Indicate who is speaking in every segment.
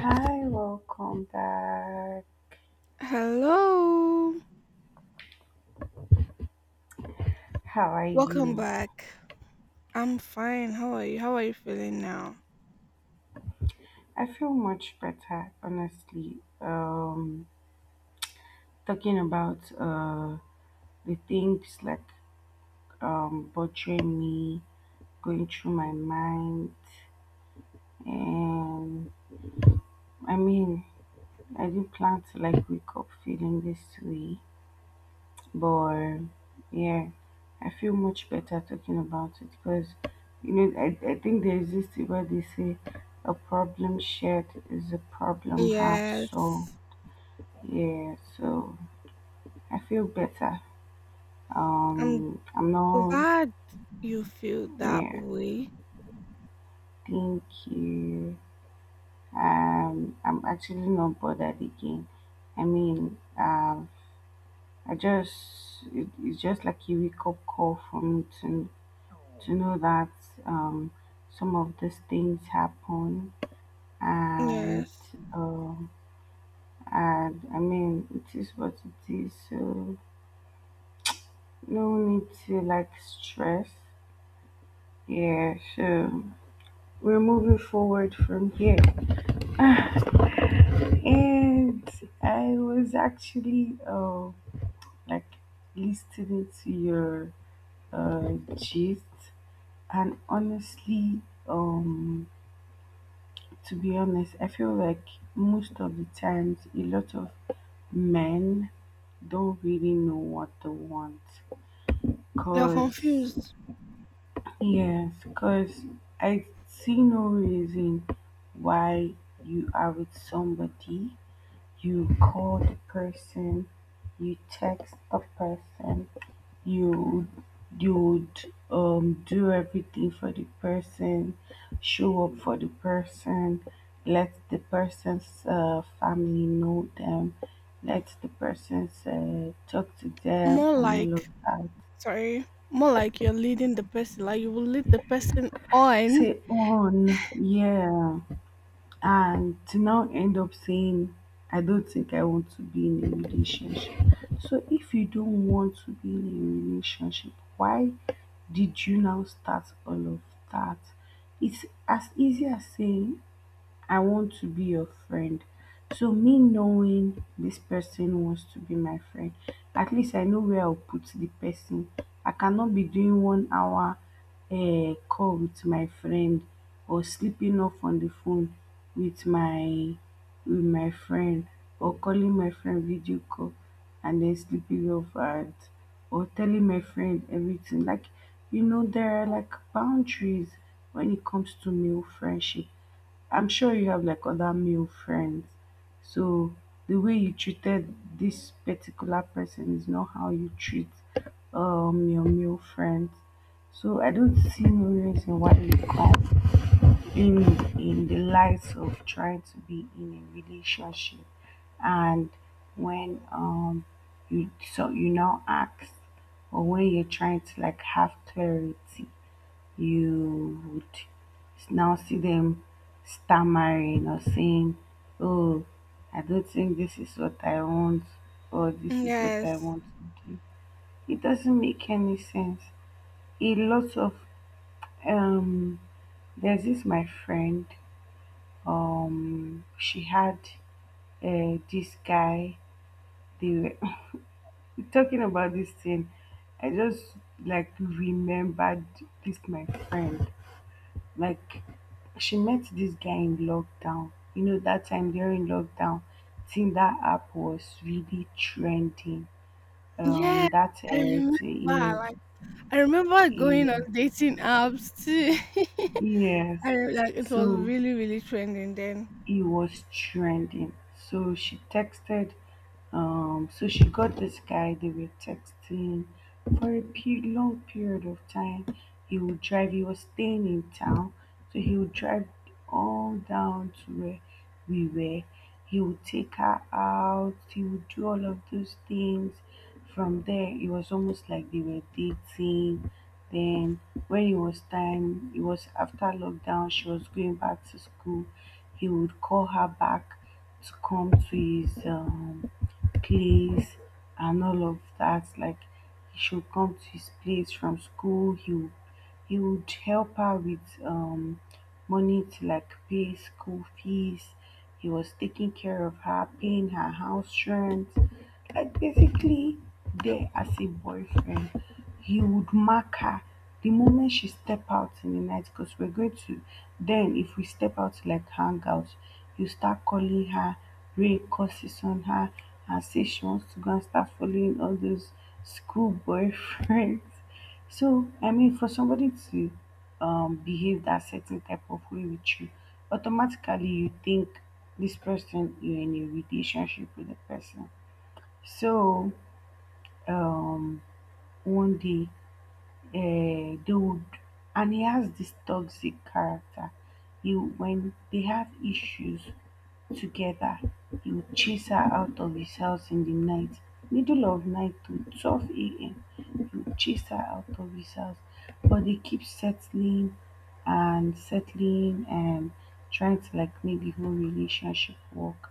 Speaker 1: Hi, welcome back.
Speaker 2: Hello.
Speaker 1: How are
Speaker 2: Welcome
Speaker 1: you?
Speaker 2: back. I'm fine. How are you? How are you feeling now?
Speaker 1: I feel much better, honestly. Talking about the things like bothering me, going through my mind, and I mean, I didn't plan to like wake up feeling this way. But yeah, I feel much better talking about it because I think there is this thing where they say a problem shared is a problem half solved.
Speaker 2: Yes.
Speaker 1: Yeah, so I feel better.
Speaker 2: I'm
Speaker 1: I'm not.
Speaker 2: glad you feel that
Speaker 1: Yeah,
Speaker 2: way.
Speaker 1: thank you. I'm actually not bothered again. I mean, I just it's just like a wake up call for me to know that um, some of these things happen, and
Speaker 2: Yes.
Speaker 1: um, and I mean it is what it is, so no need to like stress. Yeah, so we're moving forward from here. And I was actually like listening to your gist. And honestly, um to be honest, I feel like most of the times a lot of men don't really know what they want.
Speaker 2: You're
Speaker 1: Cause,
Speaker 2: confused.
Speaker 1: yes, cause I see no reason why you are with somebody, you call the person, you text the person, you you'd do everything for the person, show up for the person, let the person's family know them, let the person talk to them
Speaker 2: More
Speaker 1: and all of
Speaker 2: like,
Speaker 1: that.
Speaker 2: sorry, more like you're leading the person, like you will lead the person on.
Speaker 1: Say on, yeah. And to now end up saying, I don't think I want to be in a relationship. So if you don't want to be in a relationship, why did you now start all of that? It's as easy as saying, I want to be your friend. So me knowing this person wants to be my friend, at least I know where I'll put the person. I cannot be doing 1 hour call with my friend, or sleeping off on the phone with my friend, or calling my friend video call and then sleeping off at, or telling my friend everything. Like, there are like boundaries when it comes to male friendship. I'm sure you have like other male friends. So the way you treated this particular person is not how you treat your male friends. So I don't see no reason why you come in in the light of trying to be in a relationship, and when you now ask, or when you're trying to like have clarity, you would now see them stammering or saying, oh, I don't think this is what I want, or this is what I
Speaker 2: Yes.
Speaker 1: want to do. It doesn't make any sense. A lot of. um, there's this my friend. She had this guy, they were talking about this thing. I just like remembered, this my friend, like, she met this guy in lockdown. You know, that time during lockdown, Tinder app was really trending.
Speaker 2: Yes.
Speaker 1: That
Speaker 2: I remember,
Speaker 1: Yes,
Speaker 2: like, I remember going on
Speaker 1: yes,
Speaker 2: dating apps too.
Speaker 1: yes.
Speaker 2: I like it was
Speaker 1: So
Speaker 2: really, really trending then.
Speaker 1: it was trending. So she texted. So she got this guy, they were texting for a long period of time. He would drive, he was staying in town, so he would drive all down to where we were. He would take her out, he would do all of those things. From there, it was almost like they were dating. Then, when it was time, it was after lockdown, she was going back to school. He would call her back to come to his place and all of that. Like he should come to his place from school. He would help her with money to like pay school fees. He was taking care of her, paying her house rent, like basically there as a boyfriend. He would mark her the moment she step out in the night, because we're going to. Then if we step out to like hang out, you start calling her, ray curses on her, and say she wants to go and start following all those school boyfriends. So I mean for somebody to behave that certain type of way with you, automatically you think this person, you're in a relationship with the person. So um, one day, uh, they would, and he has this toxic character. He When they have issues together, he would chase her out of his house in the night, middle of night to 12 a.m. He would chase her out of his house, but they keep settling and settling and trying to like make the whole relationship work.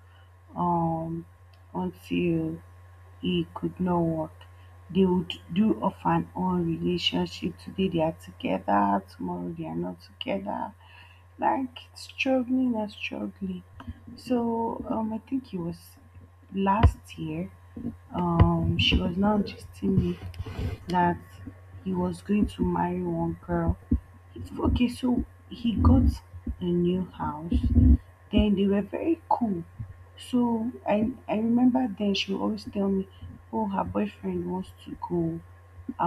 Speaker 1: Um, until he could not work. They would do of and on relationship. Today they are together, tomorrow they are not together. Like struggling and struggling. So I think it was last year. She was now just me that he was going to marry one girl. Okay, so he got a new house. Then they were very cool. So I remember then she would always tell me, oh, her boyfriend wants to go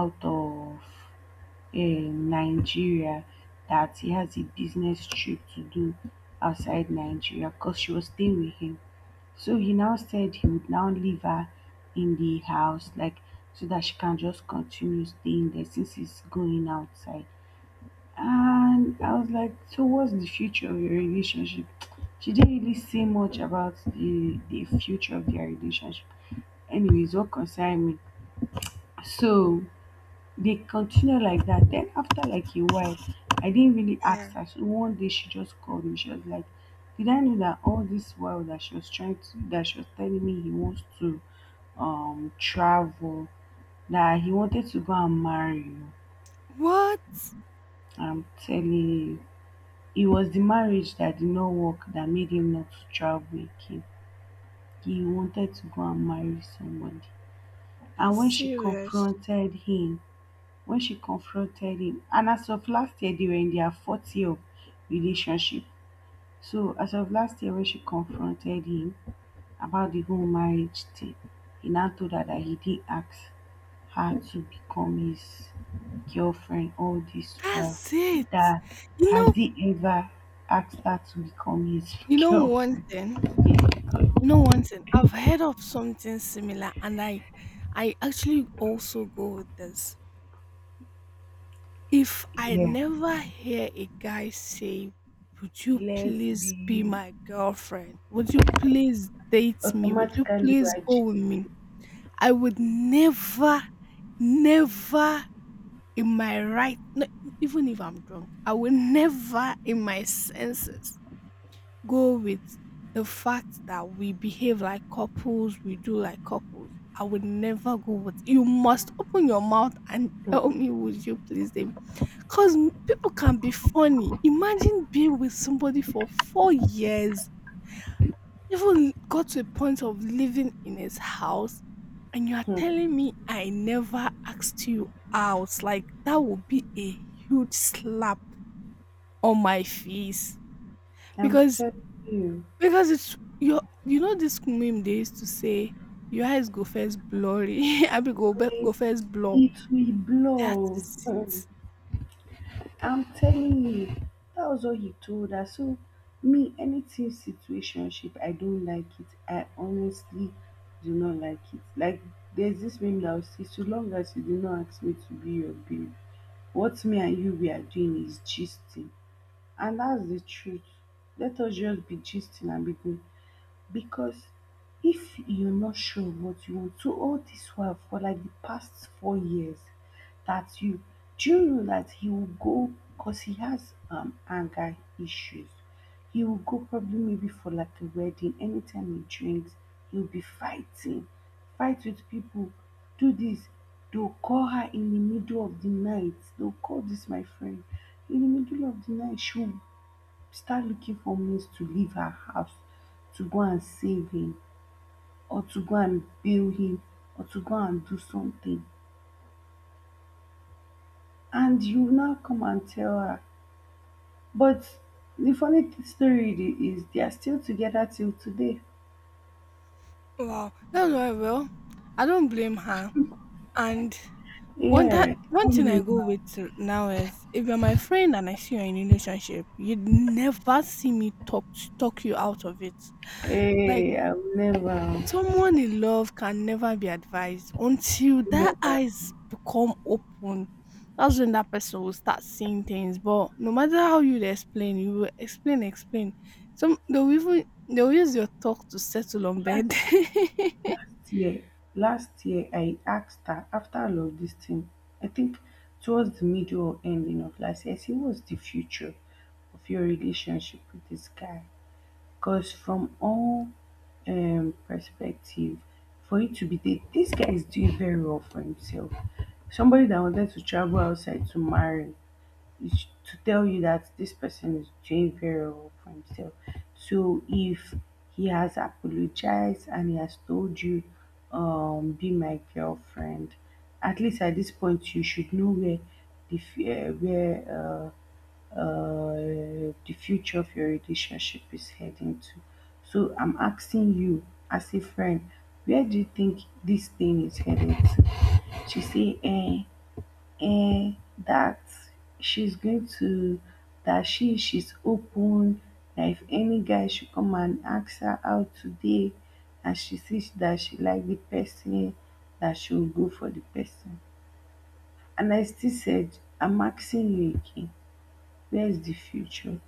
Speaker 1: out of uh, Nigeria. That he has a business trip to do outside Nigeria, because she was staying with him. So he now said he would now leave her in the house, like so that she can just continue staying there since he's going outside. And I was like, so what's the future of your relationship? She didn't really say much about the future of their relationship. Anyways, what concerned me. So they continue like that. Then after like a while, I didn't really ask
Speaker 2: Yeah.
Speaker 1: her. So one day she just called me. She was like, did I know that all this while that she was trying to that she was telling me he wants to travel, that he wanted to go and marry you.
Speaker 2: What?
Speaker 1: I'm telling you, it was the marriage that did not work that made him not to travel again. He wanted to go and marry somebody.
Speaker 2: That's
Speaker 1: And when she
Speaker 2: serious.
Speaker 1: confronted him, when she confronted him, and as of last year, they were in their fourth year of relationship. So as of last year, when she confronted him about the whole marriage thing, he now told her that he did ask her to become his girlfriend all this while.
Speaker 2: That's it.
Speaker 1: That
Speaker 2: You
Speaker 1: Has
Speaker 2: know,
Speaker 1: he ever asked her to become his
Speaker 2: you know one
Speaker 1: girlfriend?
Speaker 2: thing.
Speaker 1: Yes, because,
Speaker 2: You know one thing. I've heard of something similar, and I actually also go with this. If I
Speaker 1: yeah,
Speaker 2: never hear a guy say, "Would you
Speaker 1: let's
Speaker 2: please be
Speaker 1: be
Speaker 2: my girlfriend? Would you please date me? Would you
Speaker 1: automatically
Speaker 2: please go
Speaker 1: righteous.
Speaker 2: with me?" I would never, never in my right, no, even if I'm drunk, I would never in my senses go with the fact that we behave like couples, we do like couples. I would never go with you must open your mouth and
Speaker 1: Hmm.
Speaker 2: tell me would you please them because people can be funny. Imagine being with somebody for 4 years, even got to a point of living in his house, and you are
Speaker 1: Hmm.
Speaker 2: telling me I never asked you out. Like that would be a huge slap on my face
Speaker 1: I'm
Speaker 2: because.
Speaker 1: telling you,
Speaker 2: Because it's your you know this meme they used to say, "Your eyes go first blurry, I be go first blur."
Speaker 1: it will
Speaker 2: That
Speaker 1: blow.
Speaker 2: is
Speaker 1: Hmm.
Speaker 2: it.
Speaker 1: I'm telling you, that was what he told her. So me, anything situationship, I don't like it. I honestly do not like it. Like, there's this meme that will say, so long as you do not ask me to be your babe, what me and you we are doing is gisting. And that's the truth. Let us just be gisting and be good, because if you're not sure what you want. So all this while for like the past 4 years that you, do you know that he will go, because he has anger issues, he will go probably maybe for like a wedding, anytime he drinks he'll be fighting, fight with people, do this, they'll call her in the middle of the night, they'll call this my friend in the middle of the night, she'll start looking for means to leave her house to go and save him, or to go and bail him, or to go and do something. And you now come and tell her, but the funny story is they are still together till today.
Speaker 2: Wow, that's why, well, I don't blame her. And one,
Speaker 1: Yeah,
Speaker 2: that one
Speaker 1: come
Speaker 2: thing I
Speaker 1: blame,
Speaker 2: go with now is if you're my friend and I see you're in a relationship, you'd never see me talk you out of it. Like,
Speaker 1: hey, I will never,
Speaker 2: someone in love can never be advised until that
Speaker 1: never.
Speaker 2: eyes become open. That's when that person will start seeing things. But no matter how you explain, you will explain, explain. Some they'll even they'll use your talk to settle on
Speaker 1: Last
Speaker 2: bed.
Speaker 1: last year last year I asked her after all of this thing. I think towards the middle or ending of last year, I say, what's the future of your relationship with this guy? Because from all perspective, for you to be there, this guy is doing very well for himself. Somebody that wanted to travel outside to marry is to tell you that this person is doing very well for himself. So if he has apologized and he has told you, be my girlfriend, at least at this point you should know where the f- uh, where the future of your relationship is heading to. So I'm asking you as a friend, where do you think this thing is headed to? She say, eh, and that she's going to that she's open, that if any guy should come and ask her out today and she sees that she like the person, that she'll go for the person. And I still said, I'm asking you again, where's the future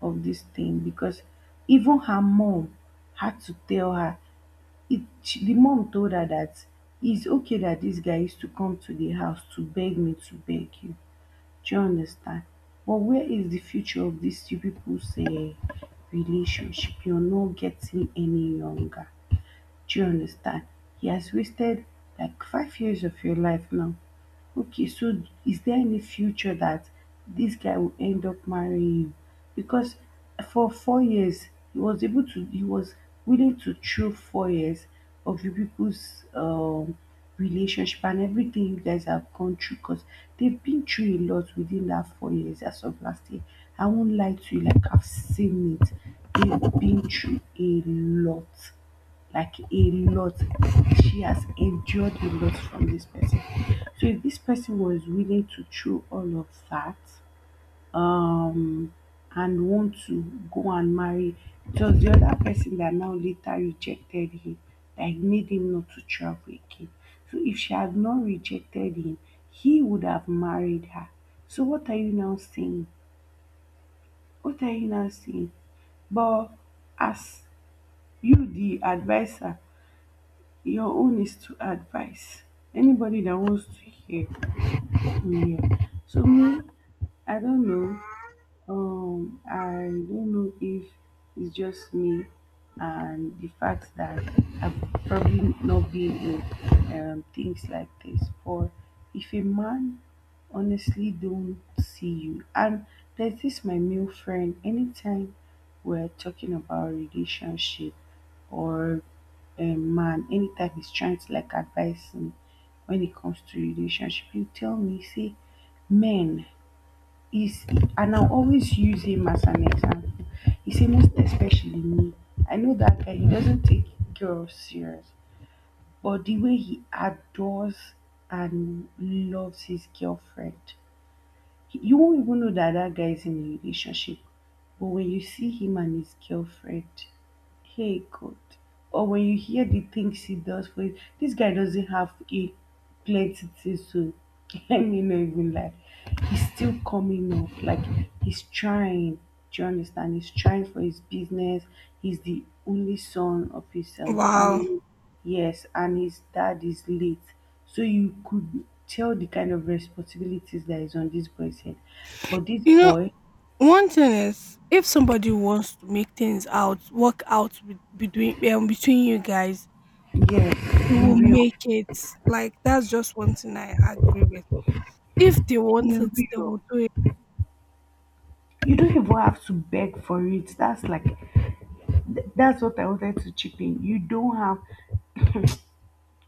Speaker 1: of this thing? Because even her mom had to tell her, the mom told her that it's okay, that this guy used to come to the house to beg me to beg you. Do you understand? But where is the future of these you people's relationship? You're not getting any younger. Do you understand? He has wasted like 5 years of your life now. Okay, so is there any future that this guy will end up marrying you? Because for 4 years he was willing to chew 4 years of you people's relationship, and everything you guys have gone through, because they've been through a lot within that 4 years as of last year. I won't lie to you, like I've seen it. They've been through a lot, like a lot. She has endured a lot from this person. So if this person was willing to throw all of that um and want to go and marry, it was the other person that now later rejected him, that made him not to travel again. So if she had not rejected him, he would have married her. So what are you now saying? What are you now saying? But as you the advisor, your own is to advise. Anybody that wants to hear will hear. So me, I don't know. I don't know if it's just me and the fact that I've probably not been in, things like this. But if a man honestly don't see you, and there's this my male friend, anytime we're talking about relationship or a man, anytime he's trying to like advise me when it comes to relationship, you tell me, say, men is, and I'll always use him as an example. He say most especially me. I know that guy, he doesn't take girls serious, but the way he adores and loves his girlfriend, you won't even know that that guy is in a relationship. But when you see him and his girlfriend, hey God. Or when you hear the things he does for you, this guy doesn't have a plenty things to let me not even lie. He's still coming up. Like he's trying. Do you understand? He's trying for his business. He's the only son of his
Speaker 2: Wow.
Speaker 1: family. Yes, and his dad is late. So you could tell the kind of responsibilities that is on this boy's head. But this
Speaker 2: You know,
Speaker 1: boy,
Speaker 2: one thing is if somebody wants to make things out, work out with, between between you guys, you
Speaker 1: yes,
Speaker 2: will
Speaker 1: be real.
Speaker 2: make it. Like that's just one thing I agree with. If they
Speaker 1: Be
Speaker 2: want it, they
Speaker 1: real.
Speaker 2: will do it.
Speaker 1: You don't even have to beg for it. That's like that's what I wanted to chip in.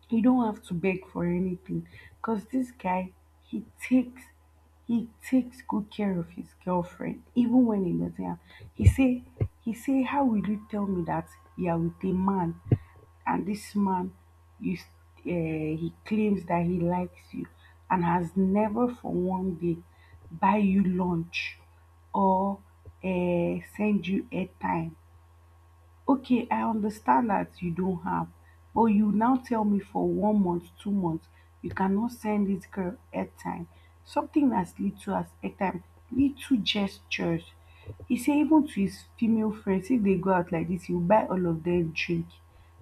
Speaker 1: You don't have to beg for anything, because this guy, he takes he takes good care of his girlfriend even when he doesn't have. he say he say, how will you tell me that you are with a man, and this man, you s- eh, he claims that he likes you and has never for one day buy you lunch, or send you airtime. Okay, I understand that you don't have, but you now tell me for 1 month, 2 months, you cannot send this girl airtime. Something as little as airtime, little gestures. He say even to his female friends, if they go out like this, he will buy all of them drink.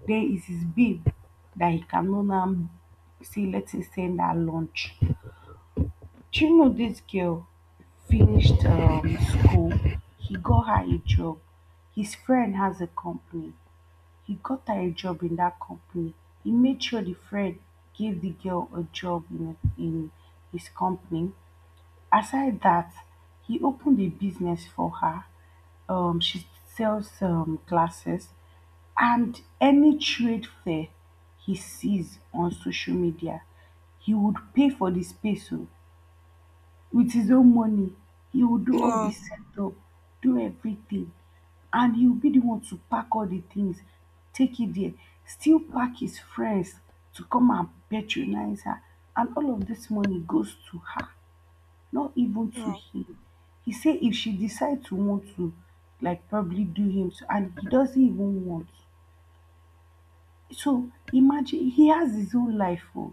Speaker 1: Then it's his babe that he cannot now say let him send her lunch. Do you know this girl finished school? He got her a job. His friend has a company. He got her a job in that company, he made sure the friend gave the girl a job in his company. Aside that, he opened a business for her. She sells glasses, and any trade fair he sees on social media, he would pay for the space oh. With his own money, he will do all the
Speaker 2: Wow,
Speaker 1: setup, do everything, and he will be the one to pack all the things, take it there, still pack his friends to come and patronize her, and all of this money goes to her, not even to
Speaker 2: wow.
Speaker 1: him. He say if she decide to want to like probably do him so, and he doesn't even want. So imagine, he has his own life oo.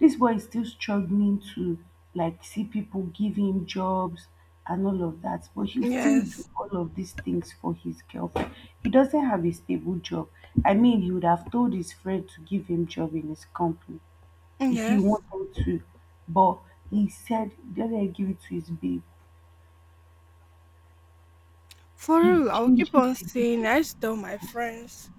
Speaker 1: This boy is still struggling to like see people give him jobs and all of that, but he'll still do
Speaker 2: Yes,
Speaker 1: all of these things for his girlfriend. He doesn't have a stable job. I mean, he would have told his friend to give him job in his company if he
Speaker 2: yes.
Speaker 1: wanted to, but he said let dem give it to his babe.
Speaker 2: For
Speaker 1: He
Speaker 2: real, I'll keep
Speaker 1: changes
Speaker 2: on
Speaker 1: the,
Speaker 2: saying. I used to tell my friends,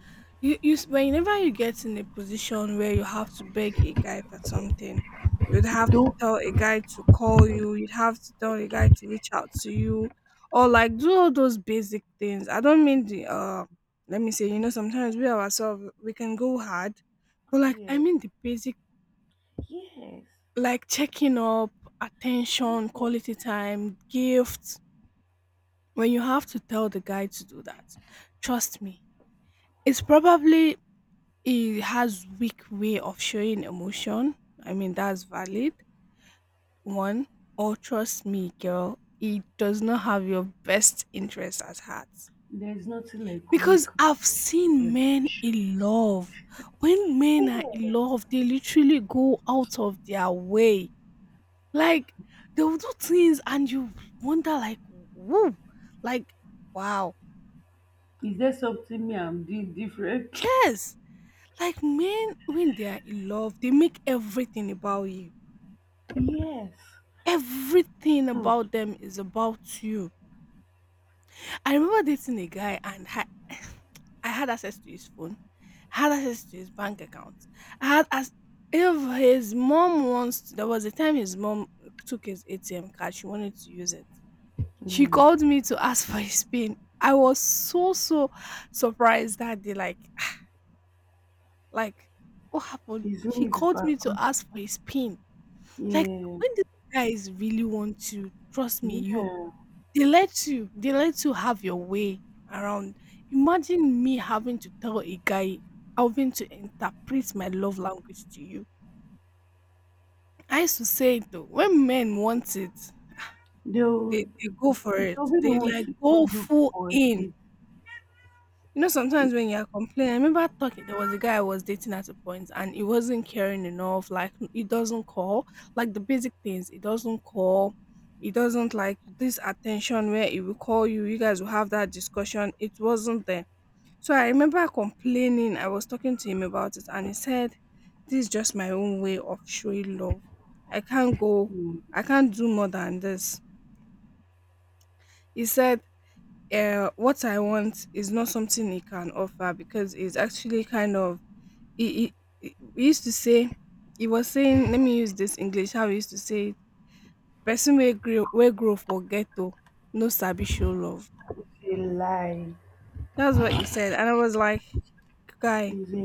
Speaker 2: whenever you get in a position where you have to beg a guy for something, you'd have to
Speaker 1: not
Speaker 2: tell a guy to call you. You'd have to tell a guy to reach out to you, or like do all those basic things. I don't mean the. Let me say, you know,
Speaker 1: be
Speaker 2: sometimes we
Speaker 1: words.
Speaker 2: ourselves we can go hard, but like I
Speaker 1: Yeah.
Speaker 2: mean the basic,
Speaker 1: Yes.
Speaker 2: like checking up, attention,
Speaker 1: Yes.
Speaker 2: quality time, gifts. When you have to tell the guy to do that, trust me, it's probably he has weak way of showing emotion. I mean, that's valid, one, or trust me girl, he does not have your best interest at heart
Speaker 1: There's nothing like weak
Speaker 2: because I've seen men
Speaker 1: emotion.
Speaker 2: in love. When men are in
Speaker 1: Yes.
Speaker 2: love, they literally go out of their way. Like, they will do things and you wonder like, whoa, like, wow.
Speaker 1: Is there something me I'm doing different?
Speaker 2: Yes. Like men, when they are in love, they make everything about you.
Speaker 1: Yes.
Speaker 2: Everything
Speaker 1: Hmm.
Speaker 2: about them is about you. I remember dating a guy and I, I had access to his phone, I had access to his bank account. I had as if his mom wants. There was a time his mom took his ATM card. She wanted to use it. She
Speaker 1: Yeah,
Speaker 2: called me to ask for his pin. I was so so surprised that day. Like like, what happened?
Speaker 1: it's
Speaker 2: She
Speaker 1: me
Speaker 2: called
Speaker 1: people.
Speaker 2: me to ask for his pin. Like,
Speaker 1: Yeah,
Speaker 2: when these guys really want to, trust me, you,
Speaker 1: yeah.
Speaker 2: they let you have your way around. Imagine me having to tell a guy, having to interpret my love language to you. I used to say it though, when men want it,
Speaker 1: They'll
Speaker 2: they go for it.
Speaker 1: they'll be the
Speaker 2: They
Speaker 1: ones
Speaker 2: like
Speaker 1: to
Speaker 2: go
Speaker 1: even look
Speaker 2: full
Speaker 1: for
Speaker 2: in.
Speaker 1: it.
Speaker 2: You know,
Speaker 1: If
Speaker 2: sometimes when you're complaining, I remember talking, there was a guy I was dating at a point and he wasn't caring enough. Like, he doesn't call, like the basic things. He doesn't call. He doesn't like this attention where he will call you. You guys will have that discussion. It wasn't there. So I remember complaining. I was talking to him about it and he said, this is just my own way of showing love. I can't go, I
Speaker 1: mm,
Speaker 2: can't do more than this. He said, what I want is not something he can offer because it's actually kind of he, he used to say, he was saying, let me use this English how he used to say it, person will grow for ghetto, no sabi show love.
Speaker 1: it's a lie,
Speaker 2: That's what he said and I was like, guy,
Speaker 1: it's a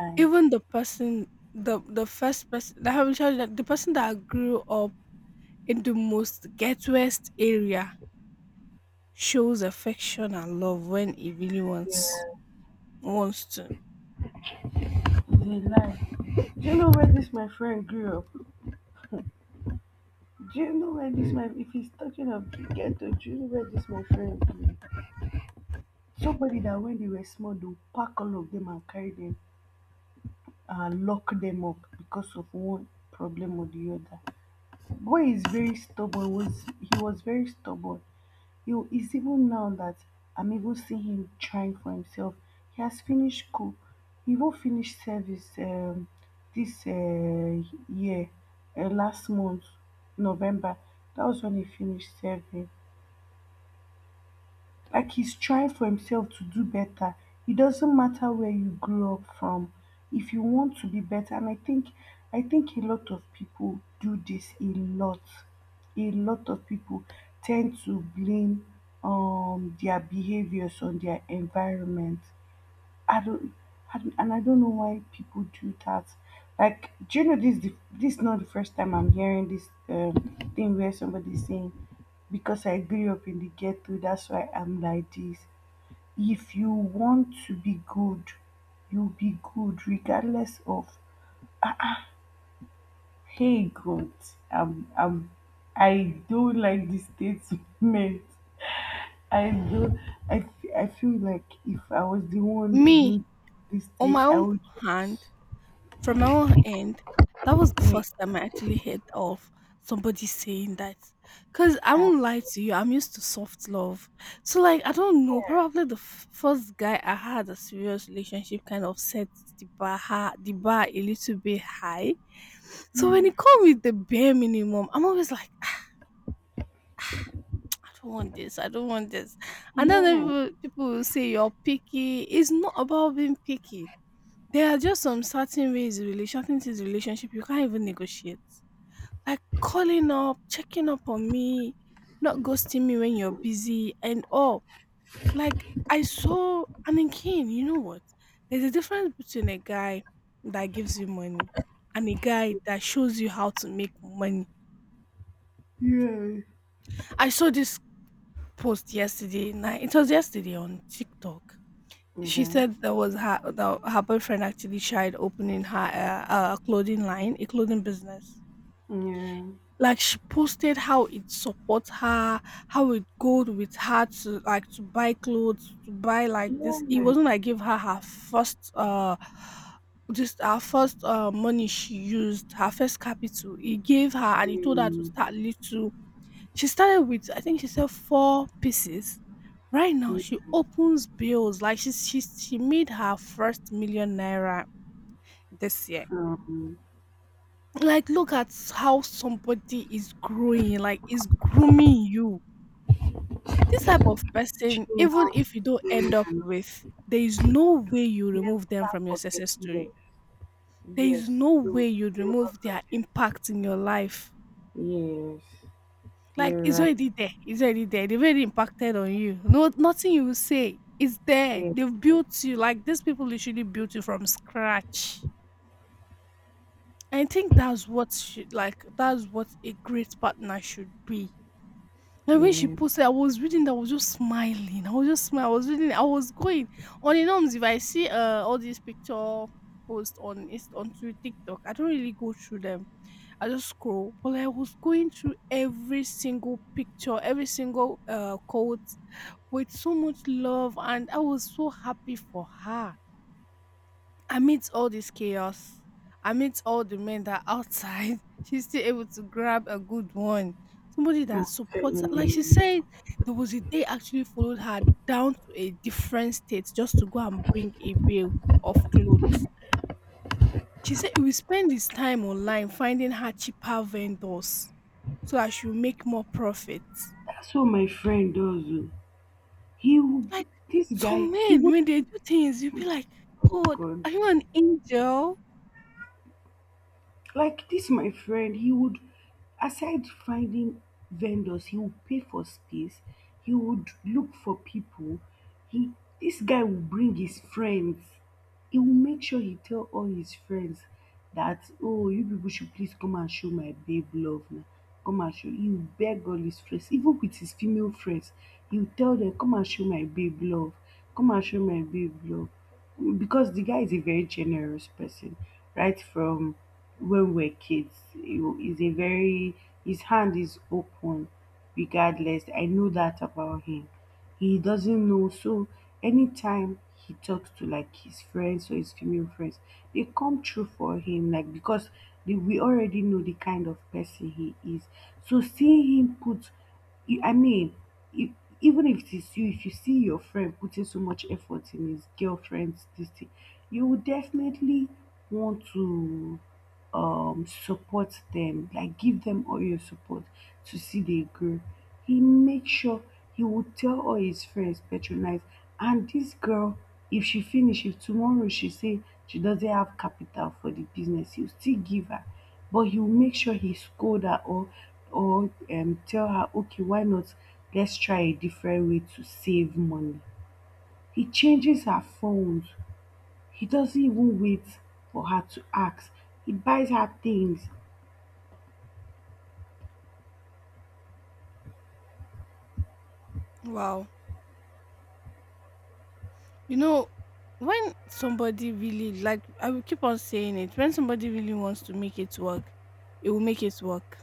Speaker 1: lie.
Speaker 2: even the person, the first person that I will tell you, that the person that grew up in the most ghettoest area, shows affection and love when he really
Speaker 1: Yeah,
Speaker 2: wants to
Speaker 1: it's a lie. Do you know where this my friend grew up? Do you know where this my, if he's talking of the ghetto? Do you know where this my friend grew up? Somebody that when they were small, they'll pack all of them and carry them, lock them up because of one problem or the other. Boy is very stubborn. Was he was very stubborn. You, it's even now that I'm even seeing him trying for himself. He has finished school. He even finished service this year, last month, November. That was when he finished service, like he's trying for himself to do better. It doesn't matter where you grew up from, if you want to be better. And I think a lot of people do this a lot. A lot of people tend to blame their behaviors on their environment. I don't, I don't- and I don't know why people do that. Like, do you know this? This is not the first time I'm hearing this thing where somebody's saying, "Because I grew up in the ghetto, that's why I'm like this." If you want to be good, you'll be good regardless of. Hey God, I'm, I'm, I, don't like this statement. I do. I feel like if I was the one
Speaker 2: me.
Speaker 1: being this
Speaker 2: On
Speaker 1: thing,
Speaker 2: my
Speaker 1: I
Speaker 2: own
Speaker 1: would
Speaker 2: hand,
Speaker 1: just.
Speaker 2: from my own end, that was the first time I actually heard of somebody saying that. Cause I
Speaker 1: Uh,
Speaker 2: won't lie to you, I'm used to soft love. So like I don't know, probably the first guy I had a serious relationship kind of set the bar the bar a little bit high. So when he come with the bare minimum, I'm always like, "Ah, ah, I don't want this, I don't want this." And then
Speaker 1: yeah.
Speaker 2: people will say you're picky. It's not about being picky. There are just some certain ways in relation, certain things in relationship you can't even negotiate. Like calling up, checking up on me, not ghosting me when you're busy and all. Like I saw, and again, you know what? There's a difference between a guy that gives you money and a guy that shows you how to make money.
Speaker 1: Yeah.
Speaker 2: I saw this post yesterday night. It was yesterday on TikTok. She
Speaker 1: yeah,
Speaker 2: said that was her the, her boyfriend actually tried opening her clothing line, a clothing business.
Speaker 1: yeah.
Speaker 2: Like she posted how it supports her, how it goes with her to like to buy clothes, to buy like this. It
Speaker 1: Um,
Speaker 2: wasn't like give her her first just her first money she used, her first capital. He gave her and he told her to start little. She started with I think she said 4 pieces. Right now she opens bills like she made her first 1,000,000 naira this year.
Speaker 1: from
Speaker 2: Like look at how somebody is growing, like is grooming you. This type of
Speaker 1: teaching
Speaker 2: person,
Speaker 1: you
Speaker 2: even
Speaker 1: how to
Speaker 2: if you don't end
Speaker 1: sing
Speaker 2: up
Speaker 1: and
Speaker 2: with, there is no way you
Speaker 1: never
Speaker 2: remove them from your
Speaker 1: forget.
Speaker 2: success
Speaker 1: Yes,
Speaker 2: story. There is
Speaker 1: yes,
Speaker 2: no way
Speaker 1: you
Speaker 2: you
Speaker 1: will never
Speaker 2: remove their
Speaker 1: forget.
Speaker 2: impact in your life.
Speaker 1: Yes,
Speaker 2: Like
Speaker 1: you're
Speaker 2: it's
Speaker 1: right.
Speaker 2: already there. It's already there. They've already impacted on you. No, nothing you say is there.
Speaker 1: Yes,
Speaker 2: They've
Speaker 1: yes.
Speaker 2: built you. Like these people literally built you from scratch. I think that's what should, like that's what a great partner should be. Like, when she
Speaker 1: Yeah.
Speaker 2: posted, I was reading that, I was just smiling. I was just smiling. I was reading. I was going on the norms. If I see all these picture post on is on to TikTok, I don't really go through them. I just scroll. But like, I was going through every single picture, every single quote with so much love, and I was so happy for her. Amidst all this chaos, amidst all the men that are outside, she's still able to grab a good one. Somebody that supports her. Like she
Speaker 1: Absolutely.
Speaker 2: said, there was a day actually followed her down to a different state just to go and bring a bill of clothes. She said he will spend his time online finding her cheaper vendors so that she'll make more profit.
Speaker 1: That's what my friend does oh. He, will-
Speaker 2: Like,
Speaker 1: this
Speaker 2: some
Speaker 1: guy,
Speaker 2: men,
Speaker 1: even,
Speaker 2: when they do things, you'll be like,
Speaker 1: oh
Speaker 2: "God,
Speaker 1: God.
Speaker 2: are you an angel?"
Speaker 1: Like this, my friend, he would, aside finding vendors, he would pay for space. He would look for people. He, this guy would bring his friends, he will make sure he tell all his friends that oh, you people should please come and show my babe love now. Come and show, he will beg all his friends, even with his female friends, he will tell them come and show my babe love, come and show my babe love, because the guy is a very generous person. Right from when we're kids, he is a very, his hand is open, regardless. I know that about him, he doesn't know. So anytime he talks to like his friends or his female friends, they come true for him, like because we already know the kind of person he is. So seeing him put, I mean, if, even if it is you, if you see your friend putting so much effort in his girlfriend's this thing, you would definitely want to support them, like give them all your support to see they grow. He make sure he would tell all his friends patronize, and this girl, if tomorrow she say she doesn't have capital for the business, he'll still give her, but he will make sure he scold her, or tell her okay, why not let's try a different way to save money. He changes her phones, he doesn't even wait for her to ask, he buys her things.
Speaker 2: Wow. You know, when somebody really, like I will keep on saying it, when somebody really wants to make it work, it will make it work.